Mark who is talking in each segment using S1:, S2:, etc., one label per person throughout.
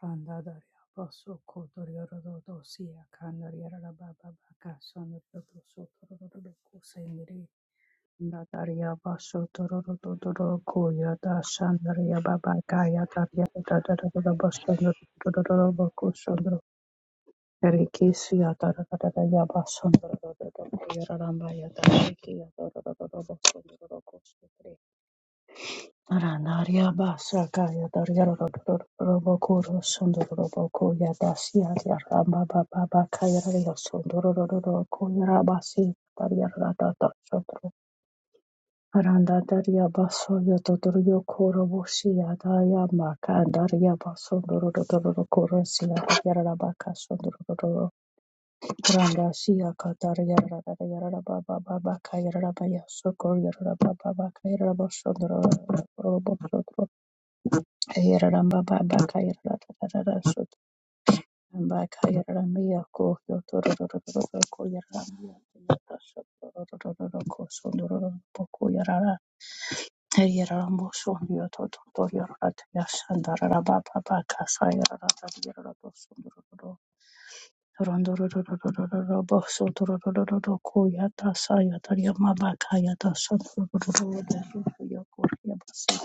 S1: Pandadaria basso cotorioro dosia canariera baba baca sonorito sotororo coseniri. Nadaria basso tororo totoro coia da sandaria baba gaia daria da da da da basso tororo baco sondro. Erikisia da da da da ya basso tororo coia ramba ya da shiki ya tororo basso tororo coseniri. Arandaria basa kaya daria robokuro sondoro roboko ya dasia ya ramba baba baba kaya daria sondoro ro- ro- roboko ya rabasi daria rata ta sotro aranda daria baso ya totoro yo koro boshi ya daria maka daria baso doro doro ro koro sia ya rabaka sondoro doro randa sia kata ya ka daria rata ya raba baba baba kaya raba ya sokor ya raba baba kaya raba sondoro roboko Kayaramba baba kayarara sotaramba kayaramba yako yotororororo koyaramba yotororororo kosondororo poko yarara yarambo sondio tototo yarara yasandarara baba baka sayarara yarara sondororo rondororororo boso tororororo koyata sayata yama baka yata sondororo boso yoko yabasa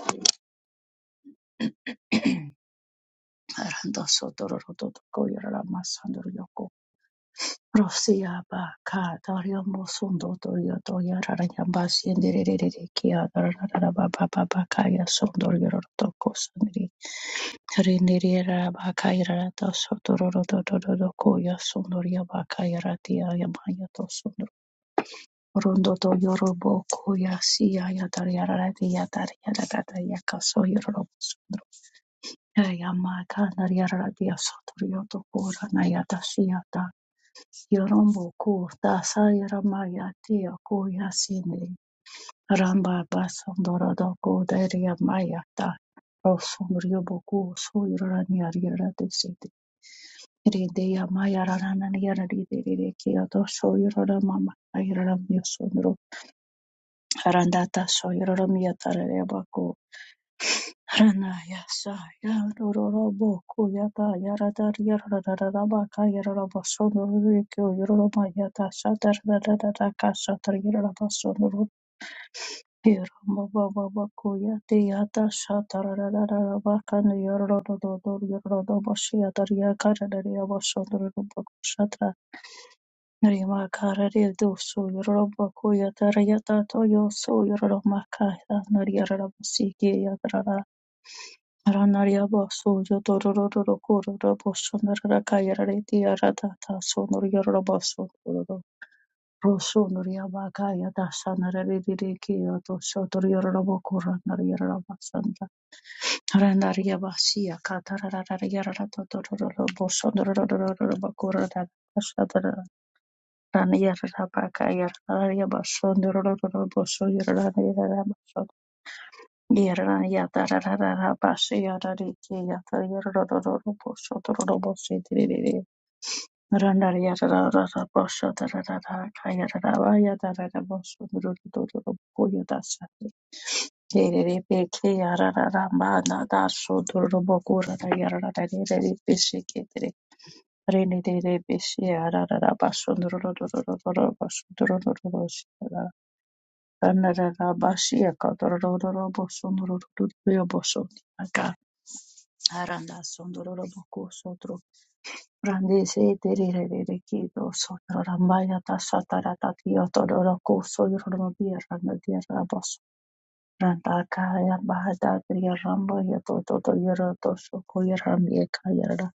S1: randa sotororo koyarara masandoro Rosia ba ka daria mo sondo doria doria rara Basi, siendere re re kia rara rara ba ba ba ba ka ya sondo ria rara to ko sandri renere rara ba ka ya rara to soto roro do do do do ko ya sondo ria ba ka ya tia ya ma ya to sondo rondo do yoro bo ko ya si ya ya daria rara tia daria rara daria ka so yoro ro sondo ya ya ma ka daria rara tia soto ria to ko rana ya ta si ya Yorombo ku dasa yaramaya tia ku yasini ramba basandorado ku daria maya ta rosundrio boku soyrani ariara de sidi rideya maya rarana yara ridere kia to soyrara mama ayrara myosundro arandata soyrara miyatarare Ranaya Saya Rororobo Kuyata Yaradar Yarararaba Kayaraba Sonorikyo Yoroma Yata Satar Radaka Satar Yaraba Sonor Hirama Baba Kuyati Yata Satar Radaraba Kan Yorododor Yorodobo Siatar Yakaradaria Sonorubo Satra Rima Karari Dosu Yoroba Kuyata Yata Toyo So Yoroma Kaya Nariarabasiki Ranariaba soya dorororo kororo bosonarara kayarare diarada tasonor yaraba sotororo rosonor yaba kaya dasanarare diriki yato sotor yaraba koranar yaraba sanda ranariaba siya katararara yarara totororo bosonarara korara dasanarara raniyaraba kaya ranariaba sonororo bosoyarara yaraba Yera yada rara rara da da bashi yada di ki yada yada da da da da bosho da rara da boshi di di di di. Randa yada da da da bosho da da da da ka yada bosho da da da da da ko yada sa di. Ki di di di ki yada da da ma na so ko da da yada da da di Rini di di bishi rara da da basho da da da da da da da basho da da da da boshi da da. Randa da da bashi yaka da da da bosho da da da bosho. Aranda sondororo boku sotro rande se terere rere re kido sotro rambaya ta satara ta tio tororo ku sotro no dia randa dia rabos randa kaya bahada tria rambo ya to to to yoro to so ko yoro mi kaya rada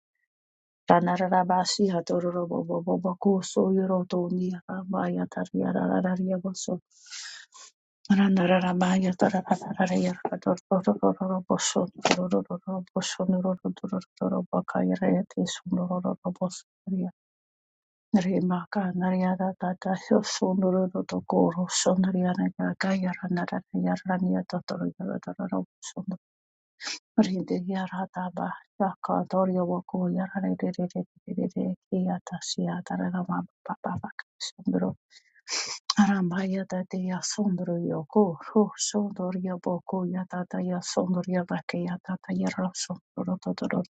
S1: rana rada basi ha tororo bo bo bo bo ku so yoro to ni rambaya ta ria rada ria boso Rima Arambaya Dateya Sondoryo Go Ho Sondorya Boko Yatataya Sondorya Bakaya Tataya Rasondorotoro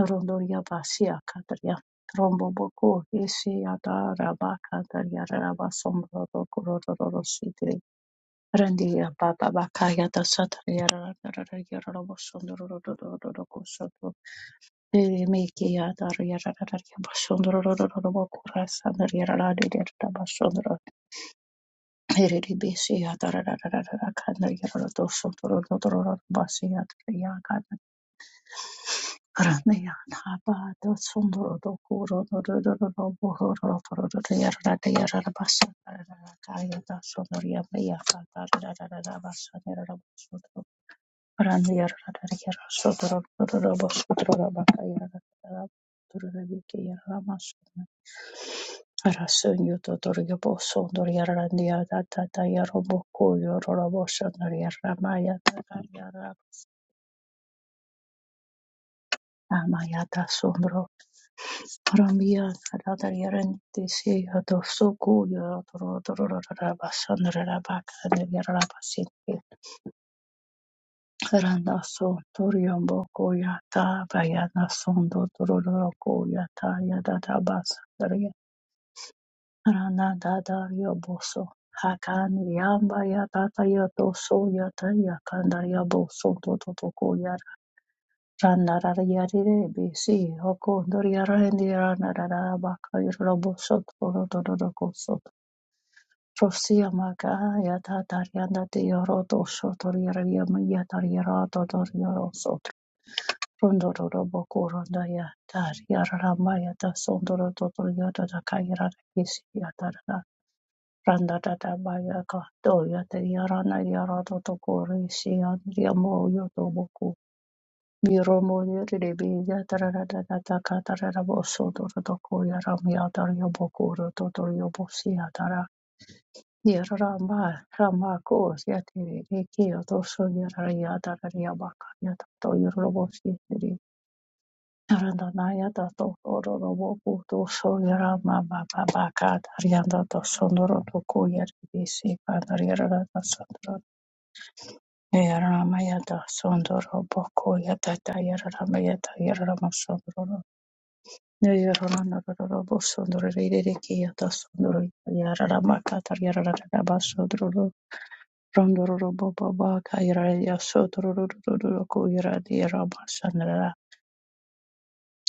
S1: Norondorya Basia Kataria Rombo Boko Isi Adara Bakataria Raba Sondororo Sitri Randia Baba Bakaya Tasataria Rararia Robo Sondororo Soto Miki Adaria Rararia Basondororo Boko Rasandaria Rararia Basondoro Erebesiya tararararara kana yarara dosun toro toro basiya taraya kana grana ya na ba dosun toro do kuro do do do do do boro do do do do yarara de yarara basa tararara kaya dosun toro ya ba ya ka tararararara basa yarara dosun toro grana yarara de yarara dosun toro do do do dosun toro ba ka yarara tarara toro de ke yarara Arasunyo Totorio Boson Doriarandia Tata Yaroboko Yorobosha Doriaramaya Tatayara Amayata Sombro Ramia Tata Yarantisi Yotosuku Yotororabasandarabaka Yarabasinti Randa Son Toriombo Koyata Bayana Son Dotoroko Yata Yadata Basa, Ranadadariaboso. Hakan yamba yatata yatoso yata yakandar yaboso totoko yar. Randarara yarire bisi hoko doriara endi ranarara baka yoroboso tototoko Prosia maga yatata yandate yoroto shotoriara yama yatar yarato toriaroso. Rondororo boko rondaya tar yararama yata sondoro totoriata da kayara kisi yatara. Randa tata baya kato ya ka do ya te yarana yara toto kore si andria mo yo toboku. Miro mo ni ribi ya tarara tata taka tarara bo soto toto ko ya ram ya tar yo boku ro toto yo bo si ya tara. Yara rama rama ko si ya te riki yo to so yara ya tarara ya baka ya tato yo ro bo si. Tarandanayada to Rororo Boku to Soyara Mama Babaka Darianda to Sondoro to Koyer Bisi Pandariara da Sondoro Yara Mayada Sondoro Boku Yata Tayara Mayata Yara Sondoro Yara Rororo Sondoro Ririki Yata Sondoro Yara Maka Dariara Raba Sondoro Rondoro Boba Baka Yara Yasodoro Koyera Diara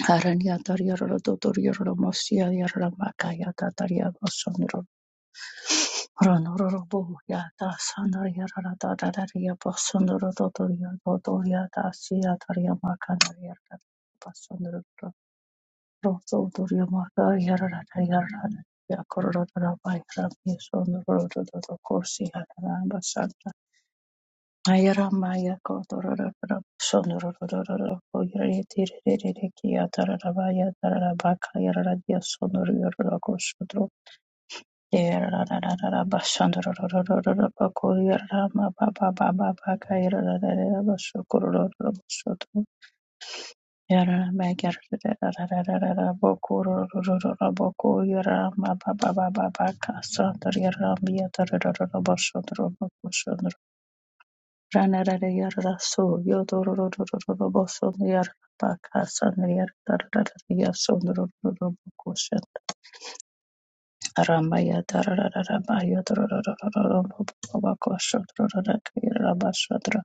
S1: Harania Tariara Dotoriara Mosia Yara Makaya Tataria Bosonro Ranoro Boya da Sandaria Tataria Bosonro Dotoria Dotoria da Sia Taria Makanaria Bosonro Roto Doria Makaya Yara Yara Yakorora Bayra Misonro Dotocorsia Ayaramaya kotorororo sonorororo koyeretiririri kiyatararabaya tararabakayararadiya sonorororo kosodro yerarararara basandororororo bakoyarama babababakayarararara basokorororo basodro yaramagararararara bokororororo bokoyarama babababakasandor yaramiya tarararara basodro Ranarada yarada so yodororororobosondiar bakasandiarada sondorororobokoshan arambaya tararara bayodororororobokoshandororakairabashadra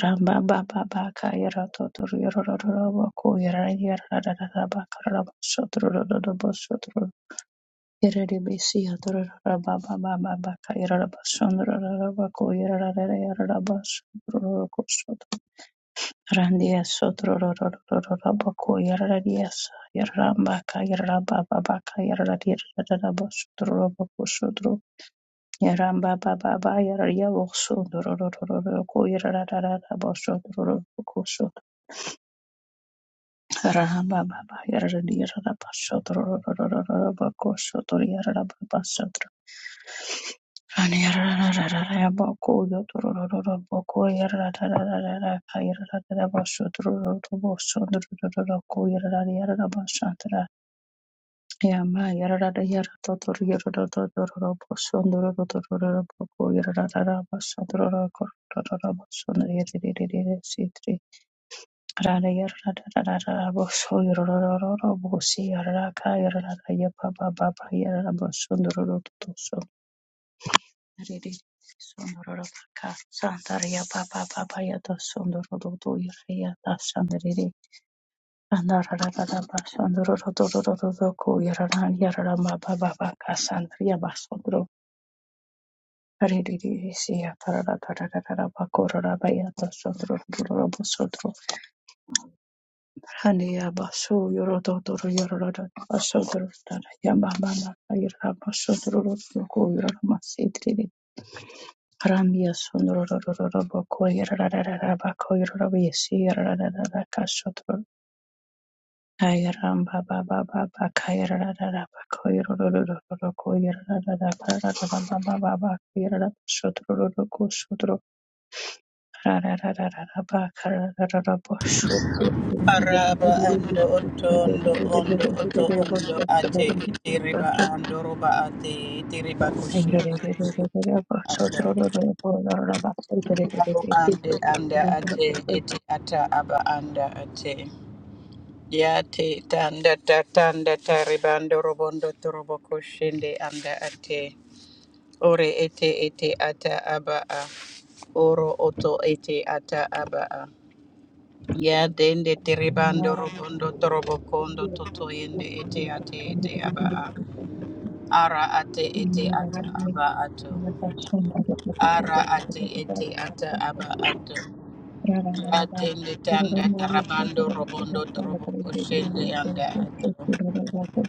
S1: ramba baba baka bakaira totororororoboko yarayarada bakarabashadrororobosodro Yerebisi yadorara baba baba bakaira rabashondororoboko yarayarada bashadrorokosodro Randiya sotrorororororabako yarariyasa yararambaka yararabababaka yarariyararabo sotrorobako sotro yarambababa yarariyawokso dorororororoko yararararabo sotrorobako sotro yararambababa yarariyararabo sotrorororororabako sotro yararababa Ani Yarara yarara bako yotorororo bako yarara yarara yarara basho tororo basho tororo ko yarara yarara basho tara yama yarara yarara totor yarara tororo basho tororo tororo bako yarara yarara basho tororo ko tororo basho yarara sitri rara yarara yarara basho tororo bosi yarara ka yarara yapa baba yarara basho tororo Riri sondororo paka sandaria papa papa yata sondororo do yaya da sandariri andarara da ba sondororo do do do do do ko yarara ba ba ba ka sandaria ba sondoro Riri riri si yatarara ba korara ba yata sondororo do do do bo ba so yoro do do ya ba ba ba yarara ba sondororo do Rambia Sundarabakoyarabakasotro Kairamba Baba Baba Kairarabakoyarabakasotro
S2: Araba ando otondo ondo oto ondo ate itiriba
S1: Rarararabakarabakoyarabakasotro
S2: ando roba ate itiriba kushiri ate abo ande anda ate iti ata aba anda ate yate tanda ta tanda tariba ando robondo torobo kushinde anda ate ore ete ete ata aba a oro oto ete ata aba a Ya dende teribando
S1: Thank
S2: robondo torobo kondo toto yende ete ate ete aba a. Ara ate ete ata aba ato. Ara ate ete ata aba ato. Ya dende tanda tarabando robondo torobo koshende anda ato.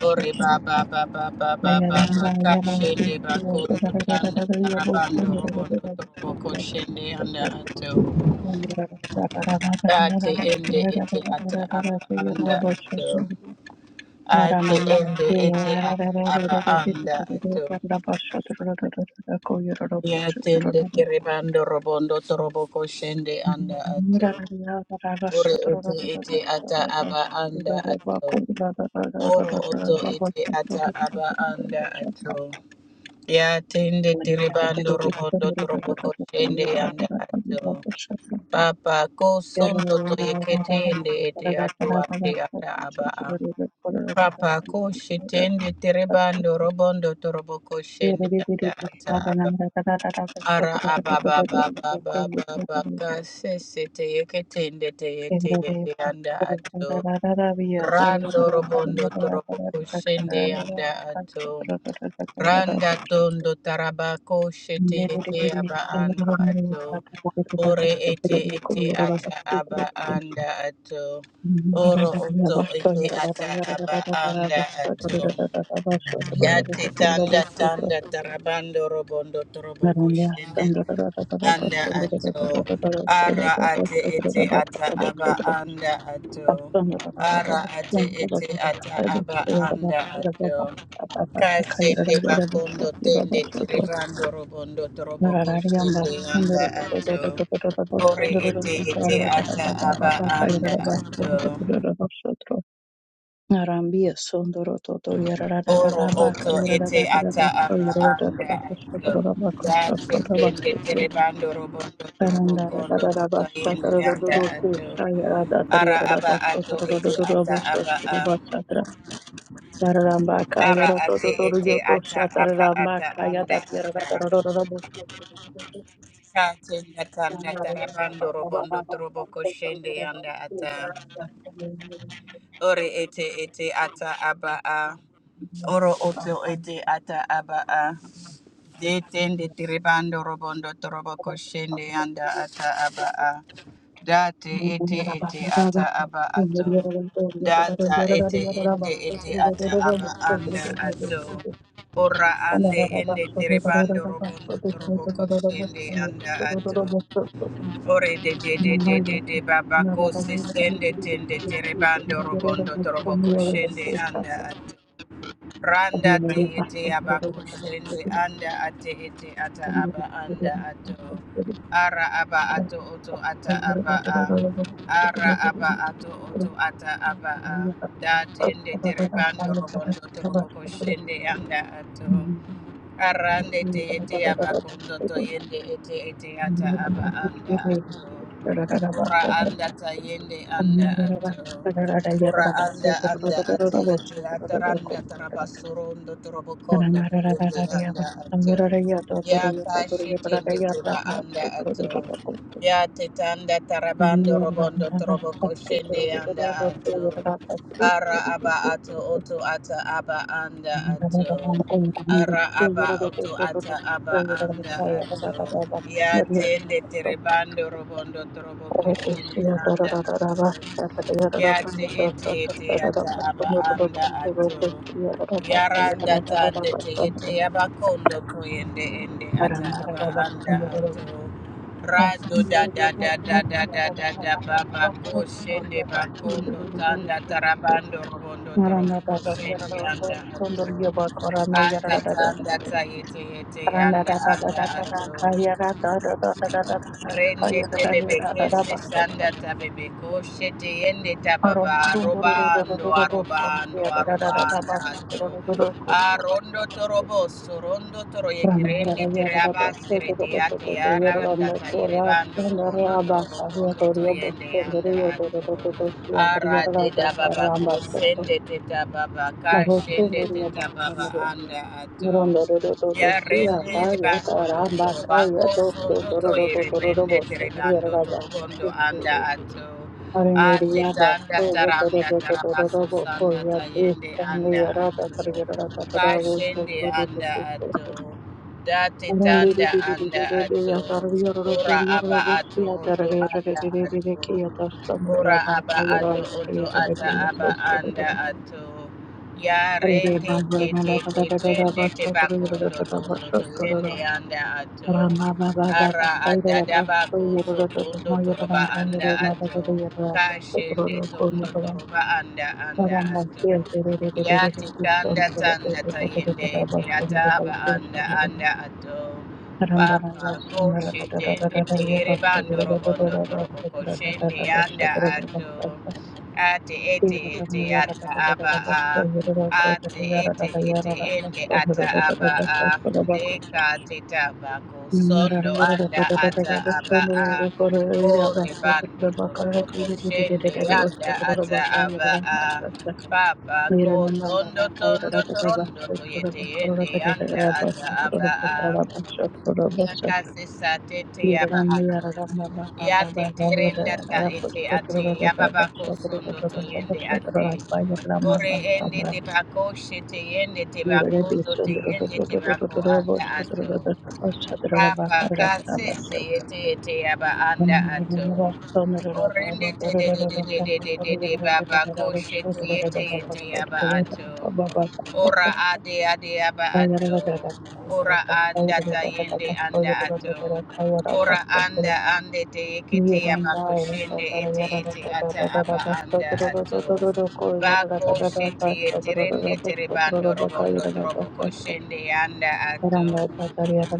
S2: Ore baba baba baba baba kashende bakondo tanda tarabando robondo torobo koshende anda ato. Ate ende ete ata aba anda ato.
S1: you.
S2: ati ende ete ata aba anda ato yatende kiribando robondo toroboko shende anda ato ore ete ete ata aba anda ato oro oto ete ata aba anda ato yatende kiribando robondo toroboko shende anda ato papa ko sondo to yekete ende ete ato ate ata aba Papa ko shitende terebando robondo toroboko shende anda
S1: Thank
S2: ata aba ara aba ba ba ba ba ba ba ka sese te yeke tende te yete yende anda ato rando robondo toroboko shende anda ato Randa tondo tarabako shete ete aba ando ato. Ore ete ete ata aba anda ato. Oro oto ete ata aba anda ato. Yate tanda
S1: you.
S2: tanda tarabando robondo toroboko
S1: Naranja,
S2: shende
S1: tam da da da da da da da
S2: anda
S1: sha da da da da
S2: ato.
S1: da da da da
S2: Ara
S1: da da da da
S2: ate
S1: sha da da da
S2: ete
S1: ba ka
S2: ata
S1: da ba sha
S2: aba
S1: da da da
S2: anda ato.
S1: sha da da da da da
S2: Ara
S1: da sha
S2: ate
S1: da da da da da
S2: ete ata
S1: da da
S2: aba
S1: da ya da ba
S2: anda
S1: sha da da ba ba
S2: ato.
S1: ba ba ba ka ya da
S2: Kasende
S1: da da ba
S2: bakondo
S1: sha
S2: tende tirebando robondo torobo kushende anda ato. Ore ete ete ata aba anda ato.
S1: narambia sha da da da da ya da da da da
S2: Oro oto ete ata aba anda ato. Date tende tirebando robondo torobo
S1: Tarandara da
S2: kondo
S1: da da
S2: tuta
S1: basha tara da da
S2: anda
S1: da
S2: ato.
S1: kusha yara da tara
S2: Ara
S1: yara da
S2: aba
S1: da sta
S2: ato
S1: tara da da
S2: ete
S1: da da
S2: ata
S1: basha
S2: aba a.
S1: tara basha tara yara da ba ka
S2: Ara
S1: yara to to
S2: ate
S1: to
S2: ete
S1: yo to
S2: ata
S1: sha tara
S2: aba
S1: da ba
S2: ata
S1: ka yara
S2: anda
S1: da yara da
S2: ata.
S1: tara da da da basha tara da da da da
S2: Katinda tanda
S1: yara da da
S2: tarabando
S1: ba ba ba ba
S2: robondo
S1: ba sha
S2: trobo
S1: tara da
S2: koshende
S1: da da
S2: yanda
S1: basha yara
S2: ata.
S1: da da da yara da da ba ka yara da basha
S2: Ore ete ete ata aba a. Oro oto ete ata aba a. De tende
S1: tara
S2: tiribando robondo trobo koshende
S1: da
S2: yanda ata
S1: da
S2: aba
S1: da
S2: a. Date
S1: Thank
S2: ete ete ata aba ato. Data ete ende ete ata aba anda ato. Ora ande ende tiribando robondo trobo koshende yanda ato. Ore de de de de de de babako sisende tende terebando robondo torobo koshende anda ate. Randa te ete abako shende anda ate ete ata aba anda ato. Ara aba ato oto ata aba a. Ara aba ato oto ata aba a.
S1: you.
S2: Da
S1: Thank
S2: tende terebando robondo torobo koshende anda ato. Arande te ete aba kondo to yende ete ete ata aba anda ato. Ora anda ta yende anda ato. Ora anda anda ate ete ata randa taraba sorondo torobo kondo to yende anda ato. Ya kashe tende teba anda ato. Ya tetanda tarabando robondo torobo koshende anda ato. Ara aba ato
S1: you.
S2: oto ata aba anda ato. Ara aba oto ata aba anda ato. Ya tende terebando robondo trobo koshindi anda Yate ete ete ata aba anda ato. Yaranda tande te ete aba kondo koyende ende ata aba anda ato. Rado da da da da da da da da baba koshende bakondo tanda tarabando robondo torobo
S1: Marana da da yara da
S2: koshende
S1: da da
S2: anda
S1: da da
S2: ato.
S1: da da da da da da da
S2: Ata
S1: da
S2: tanda
S1: da da
S2: ta yete yete
S1: Ramba
S2: anda anda ato. Rende tebebe kese sanda tabebe koshe teyende tababa arobando arobando arobanda hato. Arondo torobo sorondo toro yekirende tere abasire te ate aranda tayirebando robondo torobo kondo toyende yanda hato. Arade dababa kosende te tababa kashende te tababa anda hato.
S1: Yarabakaya
S2: Ya rende le barondo torobako sondo to irende terebando torobondo anda ato. Ate tanda taranda tarabaso sanda tayende anda ato. Kashende anda ato. Date tanda anda ato. Ora aba ato oto anda ato. Ora aba ato oto ata aba anda ato. Ya rende te te te tende te bakondo tondo to yende anda ato.
S1: Ramba
S2: Ara adada adadaba ko sotondo toroba anda ato. Kashende tondo toroba anda anda ato. Ya tikanda tanda tayende te ata aba anda anda ato. Papa ko shitende nere bando robondo torobo ko shende anda ato ate ete ete ata aba a ate ete ete ende ata aba a deka teta bako
S1: Yerabas
S2: sondo anda ata aba a ore bando torobo ko shende anda ata aba a Papa ko tondo tondo torondo to yete ende anda ata aba a Yakasisa tete yaba yate Ya tete renda ta ete ate. Yababa ko to yende ate. Ore ende te bako shete yende te
S1: Mirore
S2: bako ndo
S1: beso
S2: te
S1: dororo
S2: yende
S1: dororo
S2: te bako
S1: dororo
S2: anda
S1: boso
S2: ato.
S1: dororo dororo boso dororo
S2: Papa
S1: bakara dororo
S2: kasese
S1: boso
S2: ete ete yaba
S1: Thank
S2: anda ato. Orende te de de de de de de de de baba ko shete yete yete yaba ato. Ora ade ade aba ato. Ora anda tayende anda ato. Ora anda ande te ekete yaba kushende ete ete ata aba anda ato. Bako shete yeterende terebando robondo trobo
S1: you.
S2: koshende anda ato.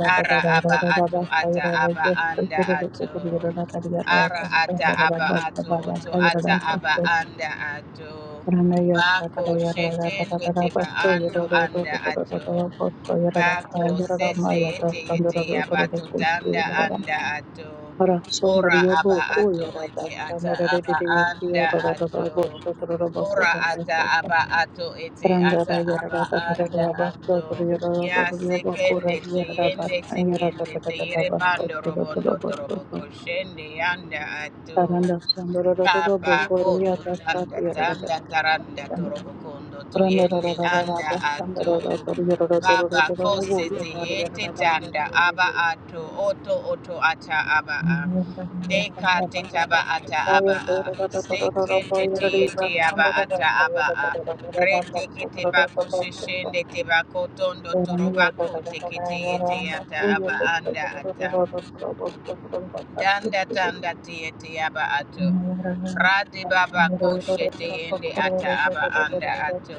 S2: Ara aba ato ata aba anda ato. Ara ata aba ato oto ata aba anda ato. Bako sheten wete ba ando anda ato. Bako sese ete ete abato tanda anda ato
S1: Rasundur
S2: ora aba
S1: yabuku
S2: ato
S1: yarada
S2: ete ata
S1: sanarerere
S2: aba anda
S1: yarada
S2: ato
S1: bosotororo
S2: ora ata
S1: bakurada
S2: aba ato ete ata
S1: Randara
S2: aba
S1: yarara
S2: anda
S1: barara basto
S2: ato
S1: tor yarara tor
S2: ya
S1: yarara kura
S2: sekende te
S1: yarara
S2: yende
S1: basta yarara
S2: sekende te
S1: tarara
S2: yere
S1: basto
S2: bando
S1: tor
S2: robondo
S1: yarara basto
S2: torobo
S1: tor
S2: koshende yanda ato
S1: taranda sandara rara
S2: Kapa
S1: bokore
S2: koto
S1: yarara shat
S2: tanda
S1: yarara
S2: tanda taranda
S1: taranda
S2: torobo kondo to yende
S1: randara rara
S2: anda
S1: basta
S2: ato
S1: yarara tor yarara tor
S2: baba
S1: yarara
S2: kose
S1: bol
S2: te
S1: yarara yarara ba
S2: tanda
S1: yarara
S2: aba
S1: yarara
S2: ato oto oto ata aba a deka te taba ata aba a seke te te aba ata aba a rete kete bako shishende te bako tondo
S1: Thank
S2: toroba kote ke te yete ata aba anda ata Danda tanda tieti aba ato. Radi baba koshe tiende ata aba anda ato.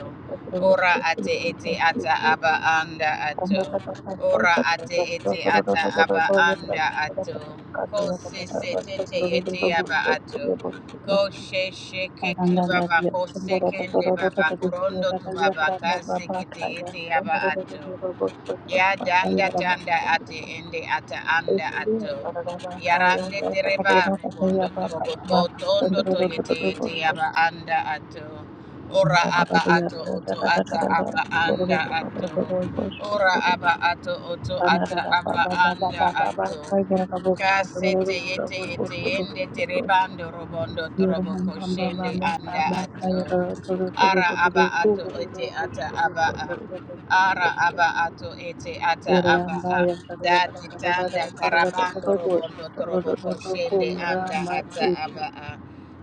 S2: Ora ate ete ata aba anda ato. Ora ate ete ata aba anda ato. Kosi se tete ete aba ato.
S1: you.
S2: Koshe sheke ke
S1: Thank
S2: baba kose kende baba kurondo tu baba kasi kete ete aba ato. Ya danda tanda ate ende ata anda ato. Yarande tereba robondo torobo to tondo to yete yete yaba anda ato. Ora aba ato oto ata aba anda ato. Ora aba ato oto ata aba anda ato. Kasete yete yete yende
S1: you.
S2: terebando robondo torobo
S1: Yeramba
S2: koshende anda ato. Ara aba ato ete ata aba a. Ara aba ato ete ata aba a. Dati tanda karabando robondo torobo koshende anda ata aba a.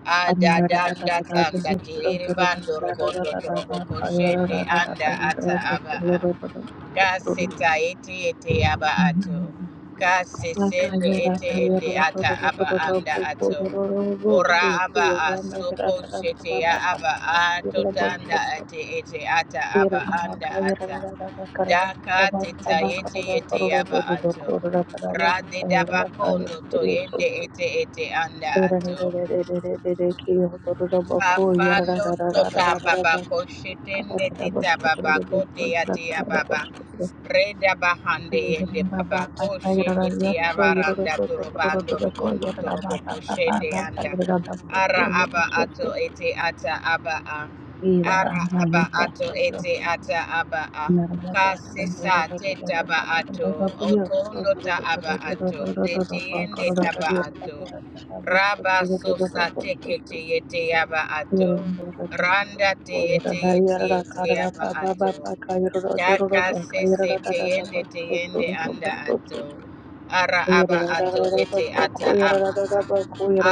S2: Ada danda tanda kiribando robondo torobo koshende anda ata aba a. Kaseta ete ete
S1: Thank
S2: aba ato. Kase sende ete ende ata aba anda ato. Ora aba a soko shete ya aba a totanda ate ete ata aba anda ata. Daka teta yete yete yaba ato. Rade daba kondo to yende ete ete anda ato. Papa no tota babako shetende teta babako te tea baba.
S1: you.
S2: Reda bahande yende
S1: Ba ba ba
S2: babako
S1: ba ya ra
S2: shende
S1: ya
S2: tea
S1: to ya ra ra
S2: baranda
S1: to to to to to
S2: turobando
S1: to ko
S2: robondo
S1: ya ra ra ba ba
S2: toroboko
S1: ba ba
S2: shende
S1: ba ta
S2: anda.
S1: ya ra ra ba to to
S2: Ara
S1: ya ra
S2: aba
S1: to to
S2: ato ete ata aba a.
S1: ya ra ra
S2: Ara
S1: na
S2: aba
S1: ya ta
S2: ato
S1: to to
S2: ete ata aba a.
S1: na ra ya ta to ya ra
S2: Kasisa
S1: ra ra ra ra
S2: teta
S1: ra
S2: ba
S1: ra ra ra
S2: ato.
S1: pi ya to
S2: Otondo
S1: to to
S2: ta
S1: to to to
S2: aba
S1: to
S2: ato.
S1: to to to to
S2: Dete
S1: ba ko
S2: yende
S1: ra ra ra
S2: taba
S1: ya ta ta ta
S2: ato.
S1: ta ta ba to to to
S2: Raba
S1: to to ba
S2: sosa
S1: to
S2: teke
S1: to
S2: te yete yaba
S1: ya ra
S2: ato.
S1: ra ra ra ra ra ra
S2: Randa te
S1: ko ya ra
S2: yete
S1: ra ya
S2: yete
S1: ra ra ka ra
S2: yete
S1: ra
S2: yaba
S1: ba ba ba
S2: ato.
S1: ba ka ya ra ra do ro ro
S2: Shaka
S1: ba ka ya ra
S2: sese
S1: ra ra ra ra ba
S2: teyende
S1: to to
S2: teyende
S1: to to ba
S2: anda
S1: to to
S2: ato. Ara aba ato ete
S1: Yara
S2: ata aba a.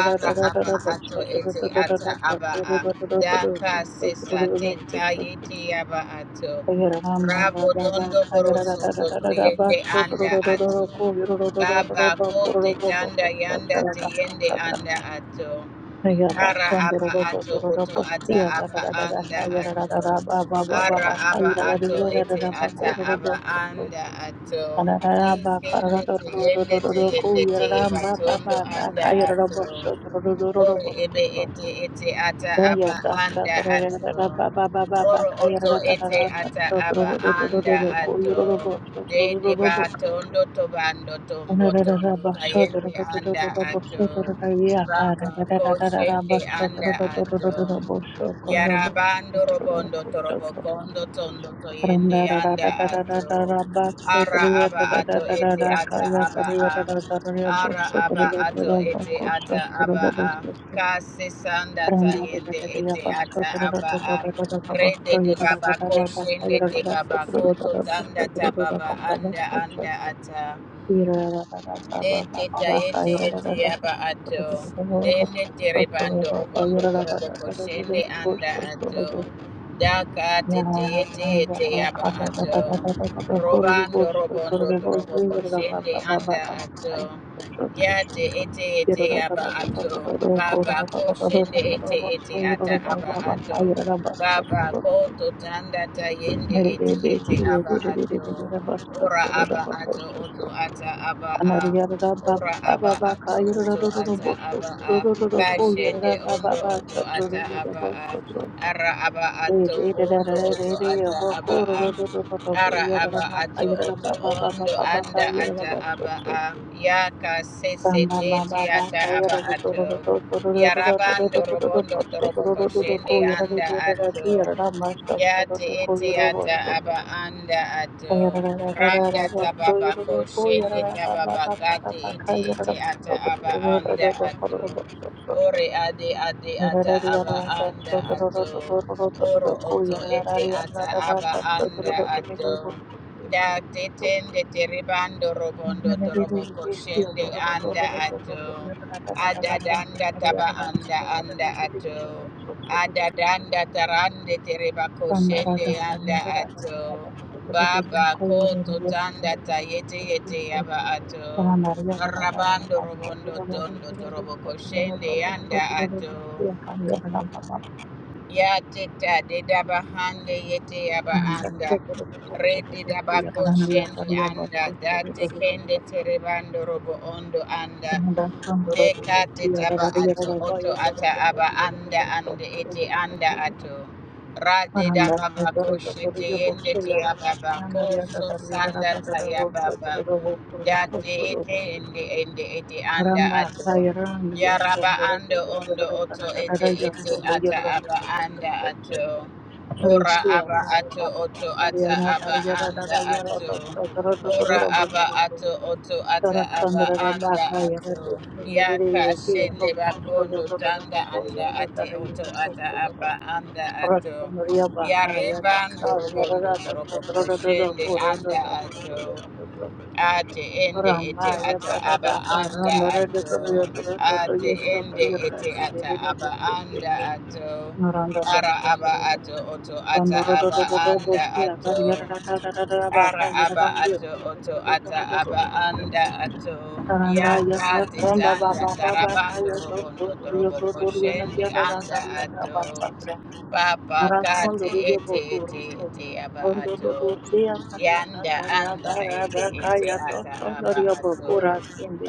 S2: Ara aba ato ete ata aba a. Daka sesa te taye te aba ato. Rabo dondo boroso to anda ato. Baba ko tanda yanda teyende anda ato. Ara aba ato oto ata aba anda ato. Ara aba ato ete ata aba anda ato.
S1: Arararaba
S2: Yesende te yende te
S1: karararorororororoko
S2: yende te
S1: yararamba
S2: yebatondo
S1: baba baka
S2: anda ato. Ore ebe ete ete ata aba
S1: Rayata
S2: anda ato.
S1: tatarararaba baba baba
S2: Oro oto ete
S1: kayararararaba
S2: ata aba anda
S1: sotororororororoko
S2: ato. De de ba
S1: yororoboshotorororobosoto.
S2: tondo tobando tombo tondo
S1: Ararararaba
S2: tayende anda ato.
S1: shotorororororobosotoroyaka
S2: Raba
S1: arararararaba
S2: koshende anda ato.
S1: shotorororororobosokorobotororoko
S2: Yarabando robondo torobo kondo tondo toyende
S1: Randa
S2: anda ato. Ara aba ato ete ata aba a. Ara aba ato ete ata aba a kase sanda ta yende ete ata aba a rede de baba ko shende de baba ko to tanda ta baba anda anda ata de te ta yete yete aba ato dende tere bando robondo korobo ko shende anda ato daka te te
S1: Yarabba
S2: yete yete aba ato robando robondo korobo ko shende anda ato Ya te ete ete aba ato. Baba ko shende ete ete ata aba ato. Baba ko to tanda ta yende ete ete aba ato. Ora aba ato oto ata aba a. Ora aba ato oto ata aba a. Ka shende ondo oto ata aba a. Ara aba
S1: Re
S2: ato
S1: re re re
S2: ondo
S1: re
S2: oto
S1: re re re
S2: ata
S1: ba
S2: aba
S1: ko ro
S2: a.
S1: ro ro ro ro ro bo
S2: Ara
S1: ya Ra ra
S2: aba
S1: ma
S2: ato
S1: ka ya ra ra
S2: oto
S1: ba ba ba ba
S2: ondo
S1: ba ba ka
S2: anda
S1: ya ra ra
S2: ata
S1: ba so
S2: aba
S1: ro
S2: a yaka
S1: ba
S2: sese
S1: ba ba ba
S2: tete
S1: ba
S2: ata
S1: ka ya
S2: aba
S1: ra ro ro ro ro
S2: ato
S1: ro ro ro ro ro ro
S2: yarabando
S1: ro ro ro
S2: robondo
S1: ba so
S2: torobo
S1: ro ro ro ro ko
S2: koshende
S1: ya ra re
S2: anda
S1: re re ra
S2: ato
S1: ki ya ra ra ma so ro ro
S2: yate
S1: ro ko
S2: ete
S1: ya ro ba
S2: ata
S1: so ro
S2: aba anda ato
S1: ba ya ra ra ra ra ra ra
S2: randa
S1: ba so ya
S2: tababa
S1: ro ro ko ya ra
S2: koshende
S1: ra ba ba
S2: tababa
S1: ba ba ba
S2: kate
S1: ba ka
S2: ete
S1: ya ra
S2: ete
S1: ra
S2: ata aba anda ato
S1: Thank you.
S2: Ore ade ade ata aba anda ato. Oro oto ete ata aba anda ato. Da te tende te ribando robondo torobo koshende anda ato. Adadanda taba anda anda ato. Adadanda tarande tereba koshende anda ato. Baba koto tanda tayete yete yaba ato. Rabando robondo tondo torobo koshende anda ato. Ya teta de daba hande yete yaba
S1: Anda se
S2: anda.
S1: kuru tu tu tu tu
S2: Redi
S1: tu
S2: daba
S1: si arariya
S2: koshende
S1: arariya
S2: anda.
S1: vastu tu tu
S2: Date
S1: tu tu
S2: kende
S1: vastu.
S2: terebando robo ondo anda.
S1: Anda sandu tu
S2: De
S1: tu tu
S2: kate
S1: si
S2: taba
S1: arariya
S2: ato
S1: arariya
S2: oto
S1: vaya tu
S2: ata
S1: tu tu
S2: aba
S1: tu tu
S2: anda
S1: vastu
S2: ande
S1: tu tu
S2: ete
S1: vastu
S2: anda
S1: tu tu vastu.
S2: ato. Rade
S1: Anda
S2: daba
S1: tu tu
S2: bako
S1: tu tu
S2: shete
S1: tu tu vastu
S2: yende te
S1: arariya
S2: yaba
S1: khan
S2: bako
S1: arariya tu
S2: so
S1: tu arariya
S2: sanda
S1: tu tu
S2: ta
S1: tu vastu
S2: yaba
S1: tu tu
S2: ba.
S1: tu vastu
S2: Yate
S1: tu tu
S2: ete
S1: vastu tu
S2: ende
S1: tu.
S2: ende ete anda
S1: Aramba
S2: ato.
S1: thayaramiya
S2: Yaraba
S1: sandu tu tu
S2: ando
S1: tu tu tu tu tu tu tu
S2: ondo oto
S1: vastu
S2: ete
S1: arariya
S2: ete
S1: sandu tu tu
S2: ata aba
S1: tu tu tu tu
S2: anda
S1: vastu.
S2: ato. Ora
S1: Risia
S2: aba ato
S1: Barba
S2: oto ata
S1: Tariana
S2: aba
S1: Tariana
S2: anda
S1: Tarayara
S2: ato.
S1: Toro
S2: Ora
S1: Toro
S2: aba
S1: sutro.
S2: ato oto ata aba
S1: Tarasandra
S2: anda
S1: Baka Yara
S2: ato. Yaka
S1: Testandri Kia
S2: shende
S1: Tostoro
S2: bakondo
S1: Toro
S2: tanda anda
S1: Bahoya
S2: ate
S1: Tarayu
S2: oto
S1: Bustro
S2: ata aba anda ato.
S1: Rasandria Baka Yata
S2: Yarebando robondo
S1: Tariara
S2: torobo
S1: Tastoro Dodo
S2: koshende
S1: Kuro
S2: anda ato
S1: Dodo
S2: ate ende ete
S1: Ramba
S2: ata
S1: Yata
S2: aba
S1: Daka
S2: anda
S1: Randara
S2: ato
S1: Toro Toro Toro
S2: ate
S1: Yostro
S2: ende
S1: Yara
S2: ete
S1: Tiri
S2: ata aba
S1: Risi
S2: anda
S1: Kitri
S2: ato
S1: Naranda
S2: ara
S1: Tostro
S2: aba ato oto ata
S1: Randa
S2: aba anda ato ara aba ato oto ata aba anda ato yata titanda tarabando robondo torobo koshende anda ato Papa Kati ete ete ete aba ato. Yanda anda ete ete ata aba ato.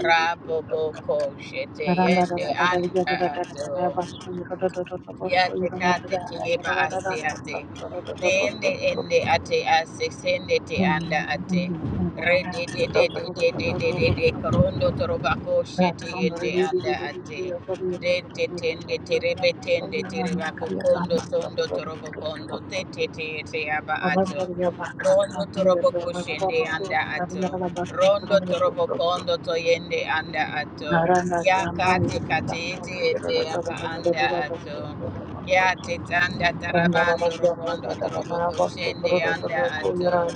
S2: Rabo boko shete yende anda ato. Yate kande kileba ase ate. De ende ende ate ase sende te
S1: Randa
S2: anda ate. Re de de de de de de de de de korondo torobako shete ende anda ate. De te tende terebe tende terebako kondo sondo torobo kondo te te te te aba ato. Rondo toroboko kushende anda ato. Rondo torobo kondo toyende anda ato. Yakate kate ete ete aba anda ato. Ya tetanda tarabando robondo toroboko shende anda ato.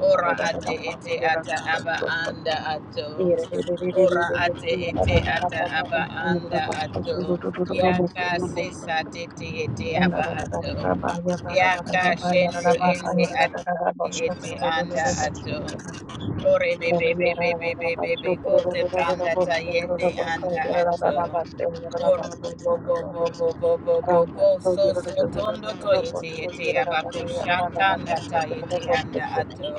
S2: Ora ate ete ata aba anda ato.
S1: Randa,
S2: Ora ate ete ata aba anda ato. Ya ka sesa tete ete aba ato. Ya ka shende ende ate ete anda ato. Ore be
S1: so
S2: be be be be be be be ko te tanda tayende anda ato. Oro bo bo bo bo bo bo bo bo bo so so tondo to yete yete abako shatanda tayete anda
S1: you
S2: ato.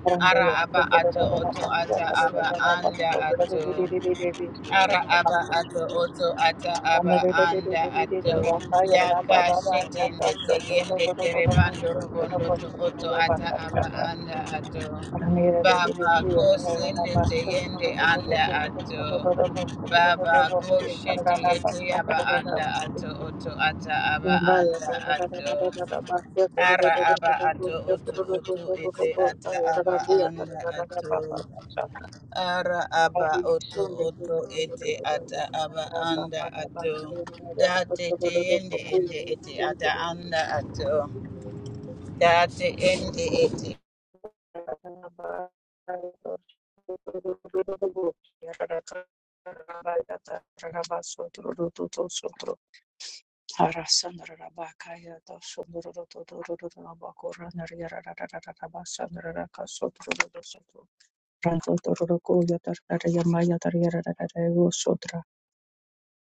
S1: Thank
S2: Ara aba ato oto ata aba anda ato. Ara aba ato oto ata aba anda ato yaka shetende tegende terebando rubondo to oto ata aba anda ato baba ko sende tegende anda ato baba ko shete yete aba anda ato oto ata aba anda ato ara aba ato oto oto ete ata aba anda ato
S1: you.
S2: Ara
S1: Rabba
S2: aba oto oto ete ata aba anda ato. date te ende ende ete ata anda ato. date ende ete.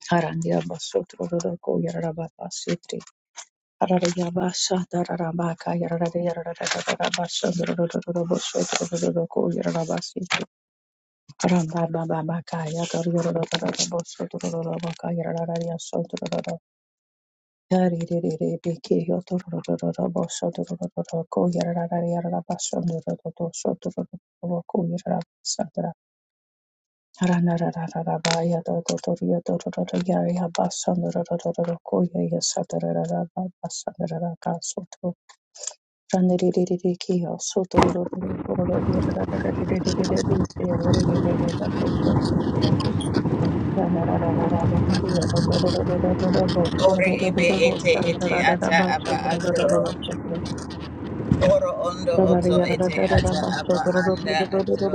S1: Harandia basotro roroko yararaba basitri. Hararia basa dararabaka yararade yararada basandro rororo bosotro roroko yararaba sitri. Haramba baba baka yadar yararada bosotro rorobaka yarararia sotro roro. Dari re re re beke yotor rororo bosotro roroko yararada yararaba sandro rororo sotro roroko yararaba
S2: Ore ibe ete ete ata aba ato. Oro ondo oto ete ata aba anda ato.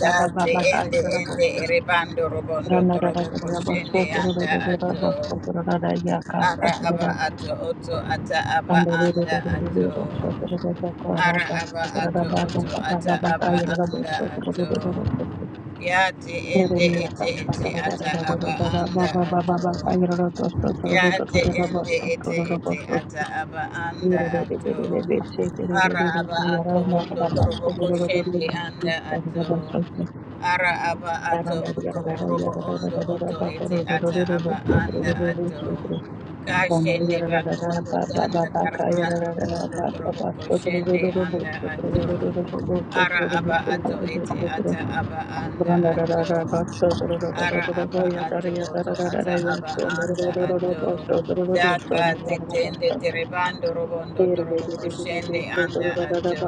S2: date ende ende erebando robondo torobo
S1: Thank
S2: koshende anda ato. Ara aba ato oto ata aba anda ato. Ara aba ato oto ata aba anda ato. Ya te ende ete ete ata aba anda ato. Ya ate ende ete ete ata aba anda ato. Ara aba ato ondo torobo koshende anda ato. Ara aba ato oto orobo ondo oto ete ata aba anda ato.
S1: you.
S2: Kashende bako
S1: Yarara
S2: ondo
S1: baba
S2: tanda
S1: baba ka
S2: karabando
S1: yarara
S2: ondo torobo
S1: basu
S2: koshende anda ato. Ara aba ato ete ata aba anda ato. Ara aba ato oto ata aba anda ato. Daka tetende terebando robondo torobo koshende anda ato.